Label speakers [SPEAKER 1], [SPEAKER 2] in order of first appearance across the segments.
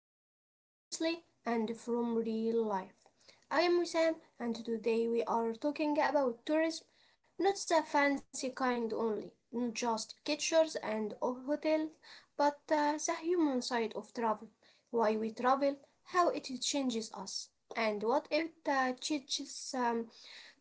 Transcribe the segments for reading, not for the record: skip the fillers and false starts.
[SPEAKER 1] slowly, honestly, and from real life. I am Wissam and today we are talking about tourism, not the fancy kind only, not just pictures and hotels, but the human side of travel, why we travel, how it changes us, and what it teaches um,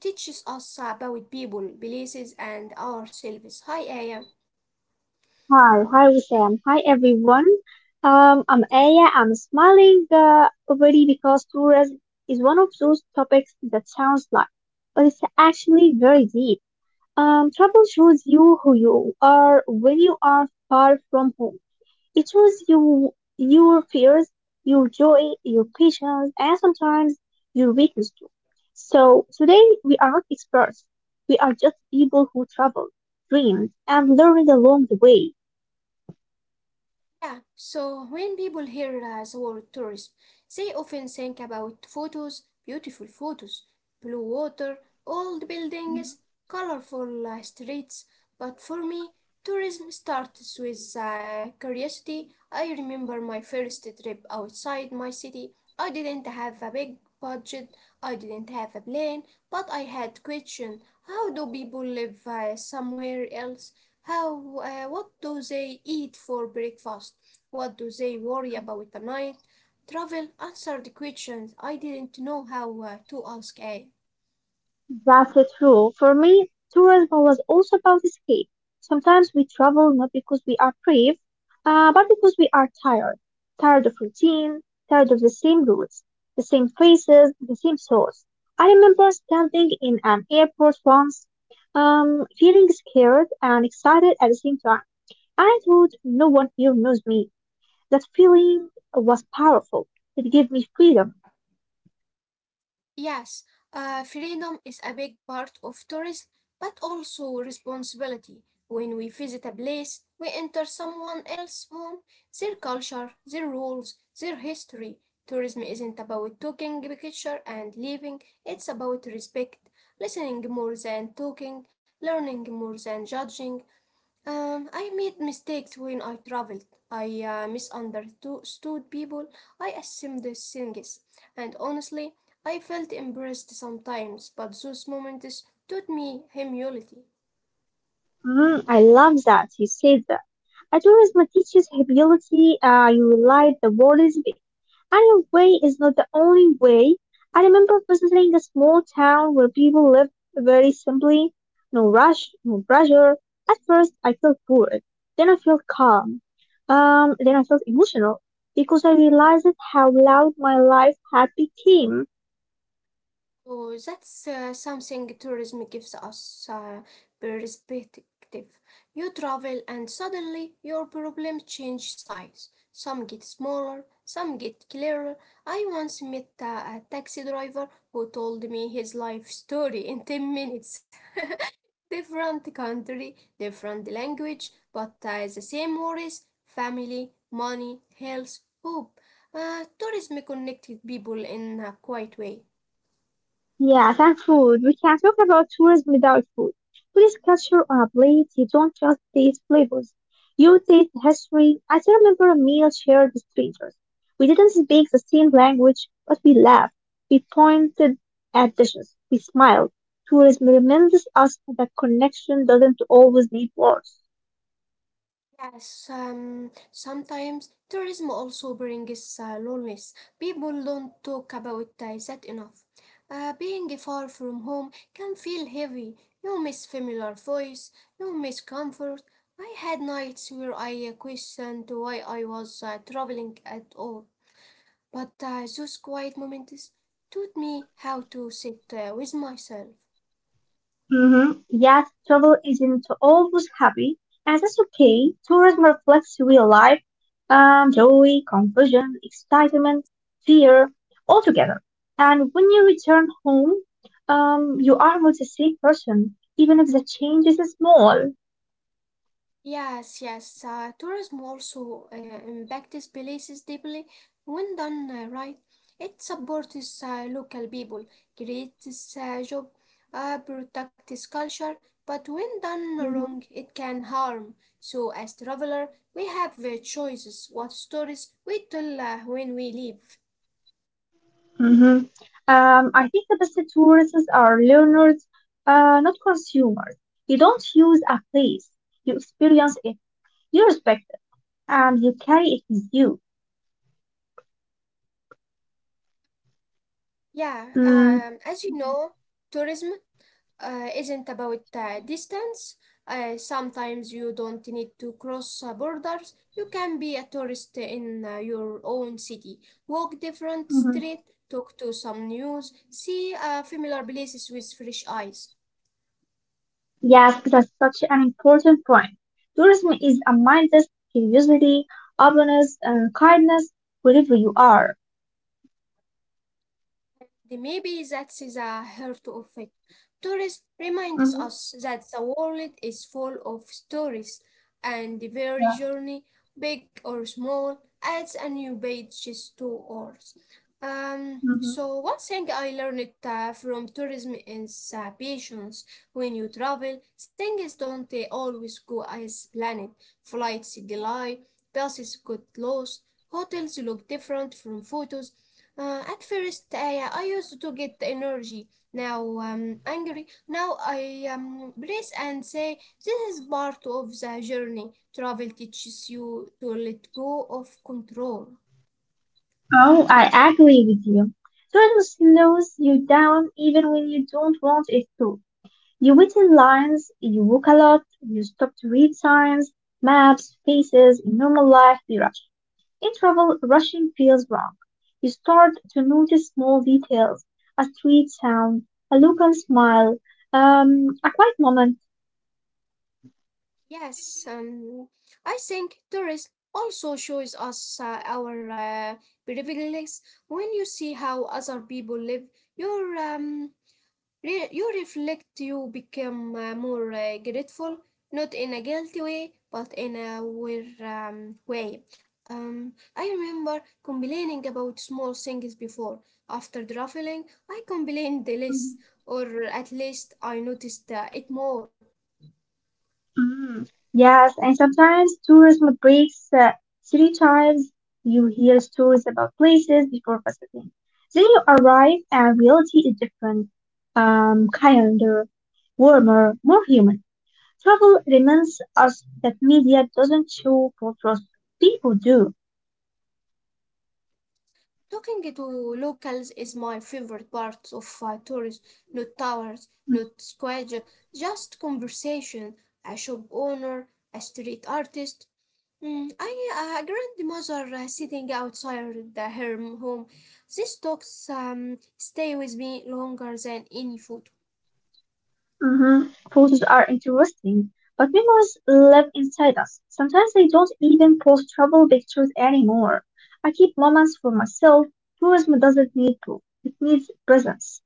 [SPEAKER 1] teaches us about people, places, and ourselves. Hi, Aya.
[SPEAKER 2] Hi, hi Wissam. Hi everyone. I'm Aya. I'm smiling already because tourism is one of those topics that sounds light, but it's actually very deep. Travel shows you who you are when you are far from home. It shows you your fears, your joy, your patience, and sometimes your weakness too. So today we are not experts. We are just people who travel, dream, and learn along the way.
[SPEAKER 1] Yeah, so when people hear the word tourism, they often think about photos, beautiful photos, blue water, old buildings, colorful streets. But for me, tourism starts with curiosity. I remember my first trip outside my city. I didn't have a big budget, I didn't have a plan, but I had questions. How do people live somewhere else? What do they eat for breakfast? What do they worry about at night? Travel answered questions I didn't know how to ask.
[SPEAKER 2] That's the true. For me, tourism was also about escape. Sometimes we travel not because we are brave, but because we are tired. Tired of routine, tired of the same routes, the same faces, the same souls. I remember standing in an airport once, feeling scared and excited at the same time. I thought no one here knows me. That feeling was powerful. It gave me freedom.
[SPEAKER 1] Yes, freedom is a big part of tourism, but also responsibility. When we visit a place, we enter someone else's home, their culture, their rules, their history. Tourism isn't about taking a picture and leaving, it's about respect, listening more than talking, learning more than judging. I made mistakes when I traveled. I misunderstood people. I assumed things. And honestly, I felt embarrassed sometimes, but those moments taught me humility.
[SPEAKER 2] Mm, I love that you said that. Altruism teaches ability. You realize the world is big, and your way is not the only way. I remember visiting a small town where people lived very simply, no rush, no pressure. At first, I felt bored. Then I felt calm. Then I felt emotional because I realized how loud my life had become.
[SPEAKER 1] Oh, that's something tourism gives us, perspective. You travel and suddenly your problems change size. Some get smaller, some get clearer. I once met a taxi driver who told me his life story in 10 minutes. Different country, different language, but the same worries, family, money, health, hope. Tourism connected people in a quiet way.
[SPEAKER 2] Yes, and food. We can not talk about tourism without food. Please culture on a plate. You don't just taste flavors. You taste history. I still remember a meal shared with strangers. We didn't speak the same language, but we laughed. We pointed at dishes. We smiled. Tourism reminds us that connection doesn't always need words.
[SPEAKER 1] Yes, sometimes tourism also brings loneliness. People don't talk about that enough. Being far from home can feel heavy. You miss familiar voice, you miss comfort. I had nights where I questioned why I was traveling at all. But those quiet moments taught me how to sit with myself.
[SPEAKER 2] Mhm. Yet travel isn't always happy, and that's okay. Tourism reflects real life, joy, confusion, excitement, fear, all together. And when you return home, you are not the same person, even if the change is small.
[SPEAKER 1] Yes, yes. Tourism also impacts places deeply. When done right, it supports local people, creates job, protects culture. But when done
[SPEAKER 2] Mhm.
[SPEAKER 1] wrong, it can harm. So, as traveler, we have choices what stories we tell when we leave.
[SPEAKER 2] Mhm. I think the best tourists are learners, not consumers. You don't use a place, you experience it, you respect it, and you carry it with you.
[SPEAKER 1] Yeah,
[SPEAKER 2] Mm.
[SPEAKER 1] as you know, tourism isn't about distance. Sometimes you don't need to cross borders. You can be a tourist in your own city, walk different
[SPEAKER 2] Mhm.
[SPEAKER 1] street, talk to some news, see familiar places with fresh eyes.
[SPEAKER 2] Yes, that's such an important point. Tourism is a mindset, curiosity, openness, and kindness wherever you are.
[SPEAKER 1] The maybe that's a heart of it. Tourism reminds
[SPEAKER 2] Mhm.
[SPEAKER 1] us that the world is full of stories, and every
[SPEAKER 2] Yeah.
[SPEAKER 1] journey, big or small, adds a new page to ours.
[SPEAKER 2] Hmm.
[SPEAKER 1] So one thing I learned from tourism is patience. When you travel, things don't always go as planned. Flights delay, buses get lost, hotels look different from photos, at first, I used to get energy. Now angry. Now I brace and say, this is part of the journey. Travel teaches you to let go of control.
[SPEAKER 2] Oh, I agree with you. Tourism slows you down even when you don't want it to. You wait in lines, you walk a lot, you stop to read signs, maps, faces. In normal life, we rush. In travel, rushing feels wrong. You start to notice small details, a street sound, a local smile, a quiet moment.
[SPEAKER 1] Yes, I think tourism also shows us our privileges. When you see how other people live, your um, you reflect, you become more grateful, not in a guilty way, but in a aware way. I remember complaining about small things before. After the ruffling, I complained less,
[SPEAKER 2] Mhm.
[SPEAKER 1] or at least I noticed it more.
[SPEAKER 2] Mm. Yes, and sometimes tourism breaks stereotypes. You hear stories about places before visiting. Then you arrive and reality is different, kinder, warmer, more human. Travel reminds us that media doesn't show photos, people do.
[SPEAKER 1] Talking to locals is my favorite part of tours, not towers, not squares, just conversation, a shop owner, a street artist, grandmother sitting outside the, her home. These talks stay with me longer than any photo.
[SPEAKER 2] Mhm. Photos are interesting, but memories live inside us. Sometimes I don't even post travel pictures anymore. I keep moments for myself. Tourism doesn't need proof, it needs presence.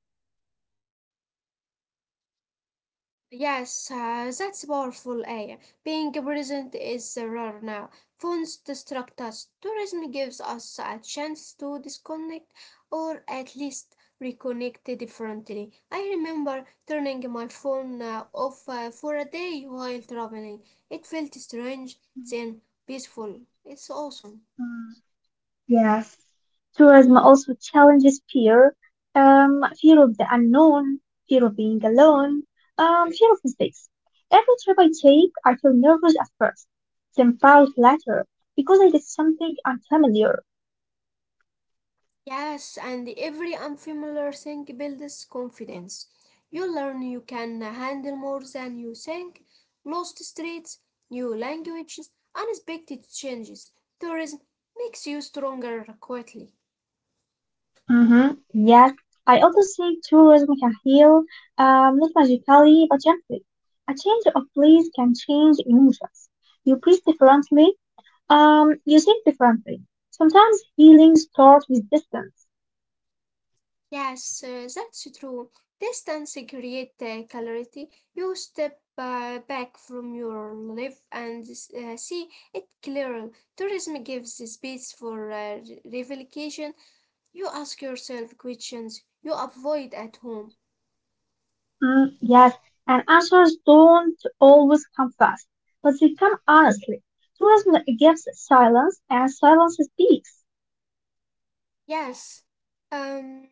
[SPEAKER 1] Yes, that's powerful, Aya. Being present is rare now. Phones distract us. Tourism gives us a chance to disconnect or at least reconnect differently. I remember turning my phone off for a day while traveling. It felt strange, then peaceful. It's awesome.
[SPEAKER 2] Mm. Yes. Tourism also challenges fear, fear of the unknown, fear of being alone, fear of mistakes. Every trip I take, I feel nervous at first, then proud later because I did something unfamiliar.
[SPEAKER 1] Yes, and every unfamiliar thing builds confidence. You learn you can handle more than you think. Lost streets, new languages, unexpected changes. Tourism makes you stronger quickly.
[SPEAKER 2] Mm-hmm. Yes, I also think tourism can heal, not magically, but gently. A change of place can change emotions. You breathe differently, you think differently. Sometimes healing starts with distance.
[SPEAKER 1] Yes, that's true. Distance creates clarity. You step back from your life and see it clearly. Tourism gives space for revelation You ask yourself questions you avoid at home.
[SPEAKER 2] Mm, yes, and answers don't always come fast, but they come honestly. Tourism gives silence, and silence speaks.
[SPEAKER 1] Yes, um,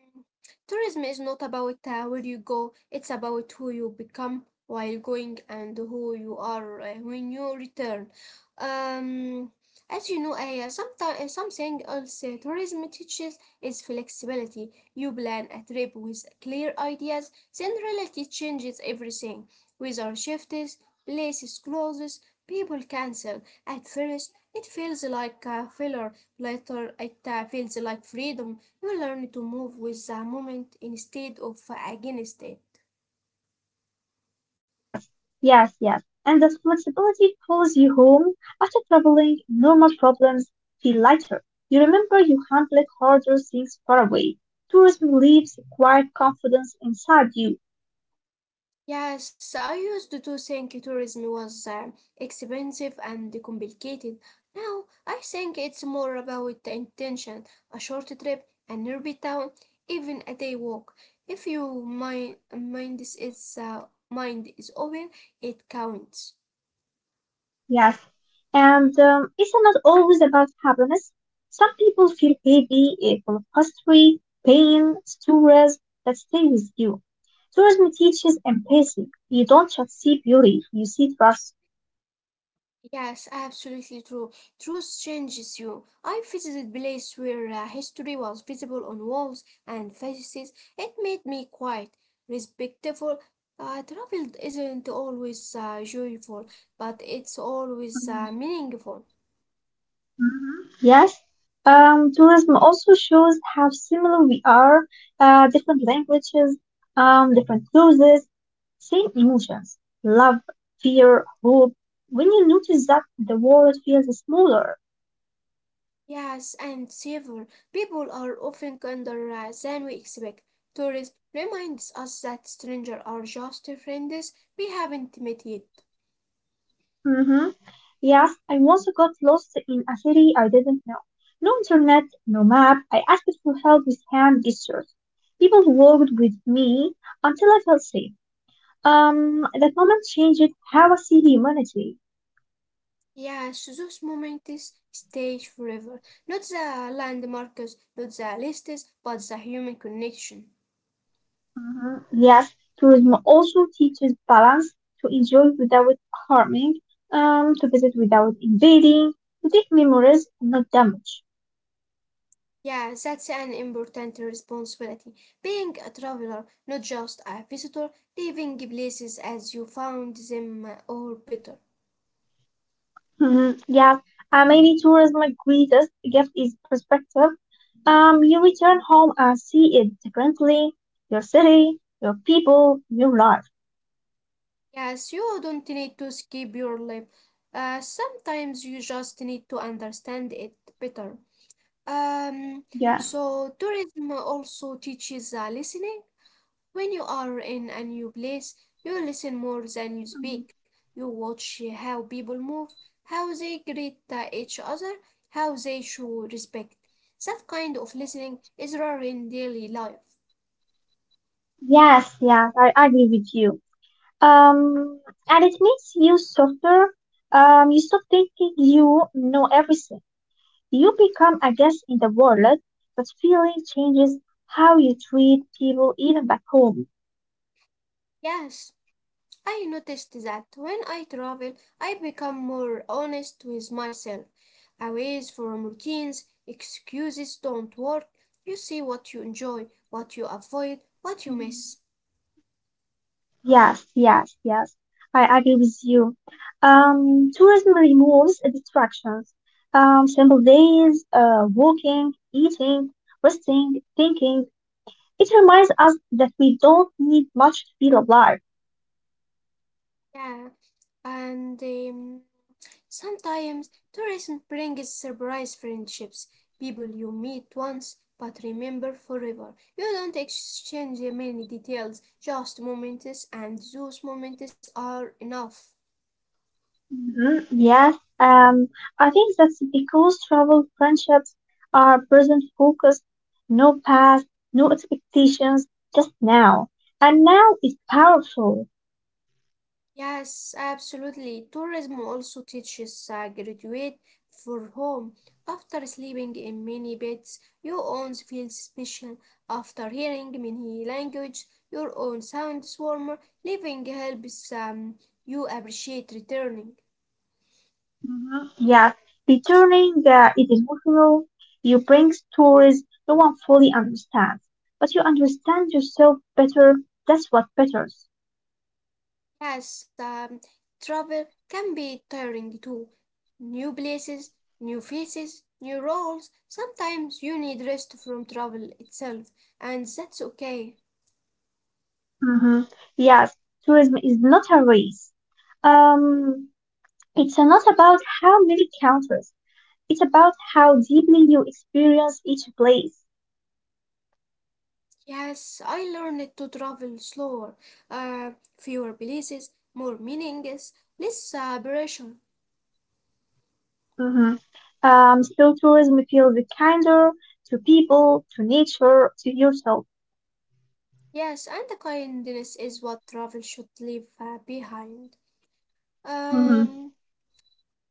[SPEAKER 1] tourism is not about where you go, it's about who you become while going and who you are when you return. Um, as you know, sometimes something else tourism teaches is flexibility. You plan a trip with clear ideas, then reality changes everything. Weather shifts, places closes, people cancel. At first, it feels like a failure. Later, it feels like freedom. You learn to move with the moment instead of against it.
[SPEAKER 2] Yes, yes, yes. And that flexibility pulls you home. After traveling, normal problems feel lighter. You remember you handled harder things far away. Tourism leaves quiet confidence inside you.
[SPEAKER 1] Yes, I used to think tourism was expensive and complicated. Now I think it's more about the intention, a short trip, a nearby town, even a day walk. If your mind is open, it counts.
[SPEAKER 2] Yes. And it's not always about happiness. Some people feel heavy eh, full of history, pain, stories that stay with you. Tourism teaches empathy. You don't just see beauty, you see trust.
[SPEAKER 1] Yes, absolutely true. Truth changes you. I visited place where history was visible on walls and faces. It made me quiet, respectful. Travel isn't always joyful, but it's always meaningful.
[SPEAKER 2] Mhm. Yes, tourism also shows how similar we are, different languages, different cruises, same emotions, love, fear, hope. When you notice that, the world feels smaller.
[SPEAKER 1] Yes, and savor. People are often kinder than we expect. Tourists reminds us that strangers are just friends we haven't met yet.
[SPEAKER 2] Hmm. Yes, I once got lost in a city I didn't know. No internet, no map. I asked for help with hand gestures. People walked with me until I felt safe. That moment changed how I see humanity.
[SPEAKER 1] Yes, those moments stay forever. Not the landmarks, not the lists, but the human connection.
[SPEAKER 2] Mhm. Yes, tourism also teaches balance to enjoy without harming, to visit without invading, to take memories, not damage.
[SPEAKER 1] Yeah, that's an important responsibility. Being a traveler, not just a visitor, leaving places as you found them or better.
[SPEAKER 2] Mhm. Yes, and maybe tourism's greatest gift is perspective. You return home and see it differently, your city, your people, your life.
[SPEAKER 1] Yes, you don't need to skip your life. Sometimes you just need to understand it better. Um,
[SPEAKER 2] Yeah.
[SPEAKER 1] so tourism also teaches listening. When you are in a new place, you listen more than you
[SPEAKER 2] Mhm.
[SPEAKER 1] speak. You watch how people move, how they greet each other, how they show respect. That kind of listening is rare in daily life.
[SPEAKER 2] Yes, yes, I agree with you. Um, and it makes you softer. You stop thinking you know everything. You become a guest in the world, but feeling changes how you treat people even back home.
[SPEAKER 1] Yes, I noticed that when I travel, I become more honest with myself. Aways from routines, excuses don't work. You see what you enjoy, what you avoid, what you miss.
[SPEAKER 2] Yes, yes, yes. I agree with you. Tourism removes distractions. Simple days, walking, eating, resting, thinking. It reminds us that we don't need much to feel alive.
[SPEAKER 1] Yeah, and sometimes tourism brings surprise friendships, people you meet once but remember forever. You don't exchange many details, just moments, and those moments are enough.
[SPEAKER 2] Mhm. Yes, um, I think that's because travel friendships are present focused, no past, no expectations, just now. And now is powerful.
[SPEAKER 1] Yes, absolutely. Tourism also teaches graduate for home. After sleeping in many beds, your own feels special. After hearing many language, your own sounds warmer. Living helps you appreciate returning.
[SPEAKER 2] Mhm. Yes, returning is emotional. You bring stories no one fully understands, but you understand yourself better. That's what matters.
[SPEAKER 1] Yes, travel can be tiring too. New places, new faces, new roles. Sometimes you need rest from travel itself, and that's okay.
[SPEAKER 2] Hmm. Yes, tourism is not a race. Um, it's not about how many countries. It's about how deeply you experience each place.
[SPEAKER 1] Yes, I learned to travel slower, uh, fewer places, more meanings, less pressure.
[SPEAKER 2] Hmm. Slow tourism feels kinder to people, to nature, to yourself.
[SPEAKER 1] Yes, and the kindness is what travel should leave behind.
[SPEAKER 2] Hmm.
[SPEAKER 1] Um,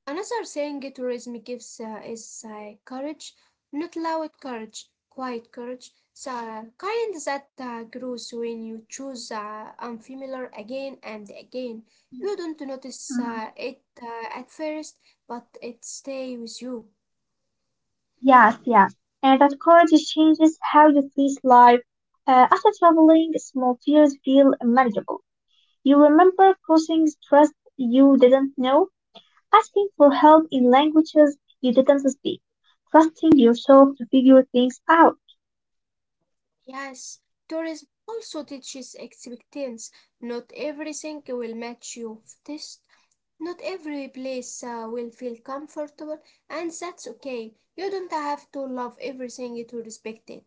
[SPEAKER 1] another thing tourism gives is courage, not loud courage, quiet courage, the kind that grows when you choose unfamiliar again and again. You don't notice
[SPEAKER 2] Hmm.
[SPEAKER 1] it at first, but it stays with you.
[SPEAKER 2] Yes, yes. And that courage changes how you face life. After traveling, small fears feel manageable. You remember crossing trust you didn't know, asking for help in languages you didn't speak, trusting yourself to figure things out.
[SPEAKER 1] Yes, tourism also teaches expectations. Not everything will match your taste. Not every place will feel comfortable, and that's okay. You don't have to love everything to respect it.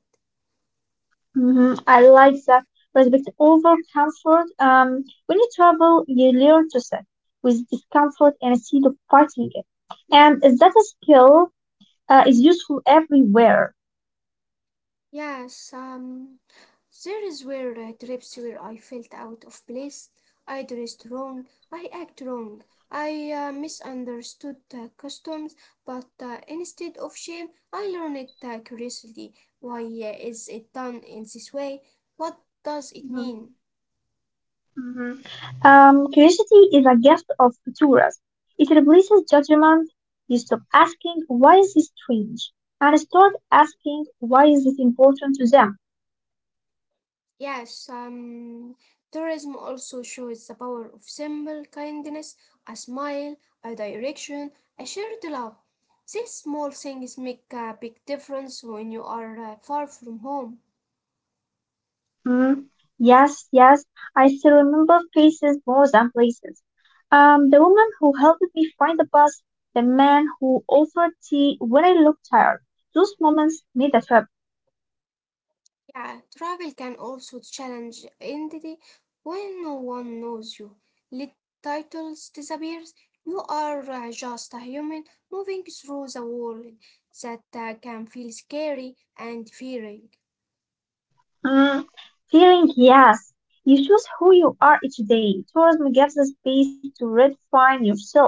[SPEAKER 2] Hmm. I like that. Respect over comfort. When you travel, you learn to sit with discomfort and instead of fighting it. And that skill is useful everywhere.
[SPEAKER 1] Yes, there is where were trips where I felt out of place. I dressed wrong, I act wrong, I misunderstood customs, but instead of shame, I learned curiosity. Why is it done in this way? What does it
[SPEAKER 2] Mhm,
[SPEAKER 1] mean?
[SPEAKER 2] mhm. Curiosity is a gift of tourists. It replaces judgment. You stop asking, why is this strange? And start asking, why is it important to them?
[SPEAKER 1] Yes, tourism also shows the power of simple kindness, a smile, a direction, a shared love. These small things make a big difference when you are far from home.
[SPEAKER 2] Mm, yes, yes, I still remember faces more than places. The woman who helped me find the bus, the man who offered tea when I looked tired. Those moments made the trip.
[SPEAKER 1] Yeah, travel can also challenge identity when no one knows you. Let titles disappear. You are just a human moving through the world that can feel scary and fearing.
[SPEAKER 2] Mm, feeling yes, you choose who you are each day. Tourism gives us space to redefine yourself.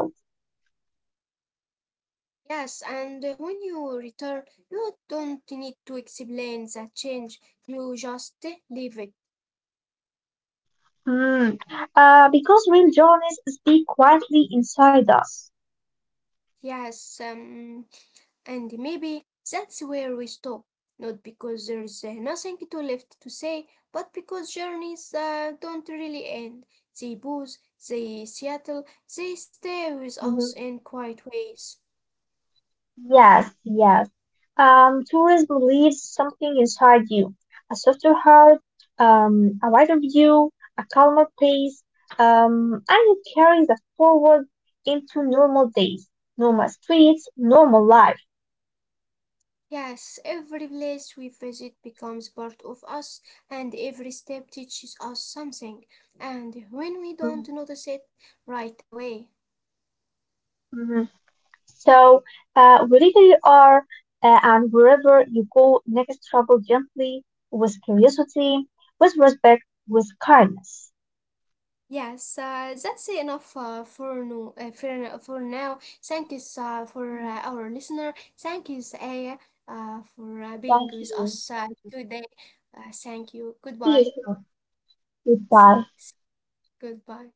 [SPEAKER 1] Yes, and when you return, you don't need to explain the change. You just leave it.
[SPEAKER 2] Mm, because real journeys speak quietly inside us.
[SPEAKER 1] Yes, and maybe that's where we stop. Not because there's nothing to left to say, but because journeys don't really end. They pause, they settle, they stay with us
[SPEAKER 2] Mhm.
[SPEAKER 1] in quiet ways.
[SPEAKER 2] Yes, yes. Tourists believe something inside you. A softer heart, a wider view, a calmer pace, and you carry that forward into normal days, normal streets, normal life.
[SPEAKER 1] Yes, every place we visit becomes part of us, and every step teaches us something, and when we don't notice it right away.
[SPEAKER 2] Mhm. So, wherever you are and wherever you go, next travel gently, with curiosity, with respect, with kindness.
[SPEAKER 1] Yes, that's enough for, no, for now. Thank you for our listener. Thank you, Aya, for being
[SPEAKER 2] Thank
[SPEAKER 1] with us
[SPEAKER 2] you.
[SPEAKER 1] today. Thank you.
[SPEAKER 2] See
[SPEAKER 1] Goodbye.
[SPEAKER 2] you soon. Goodbye.
[SPEAKER 1] See, goodbye.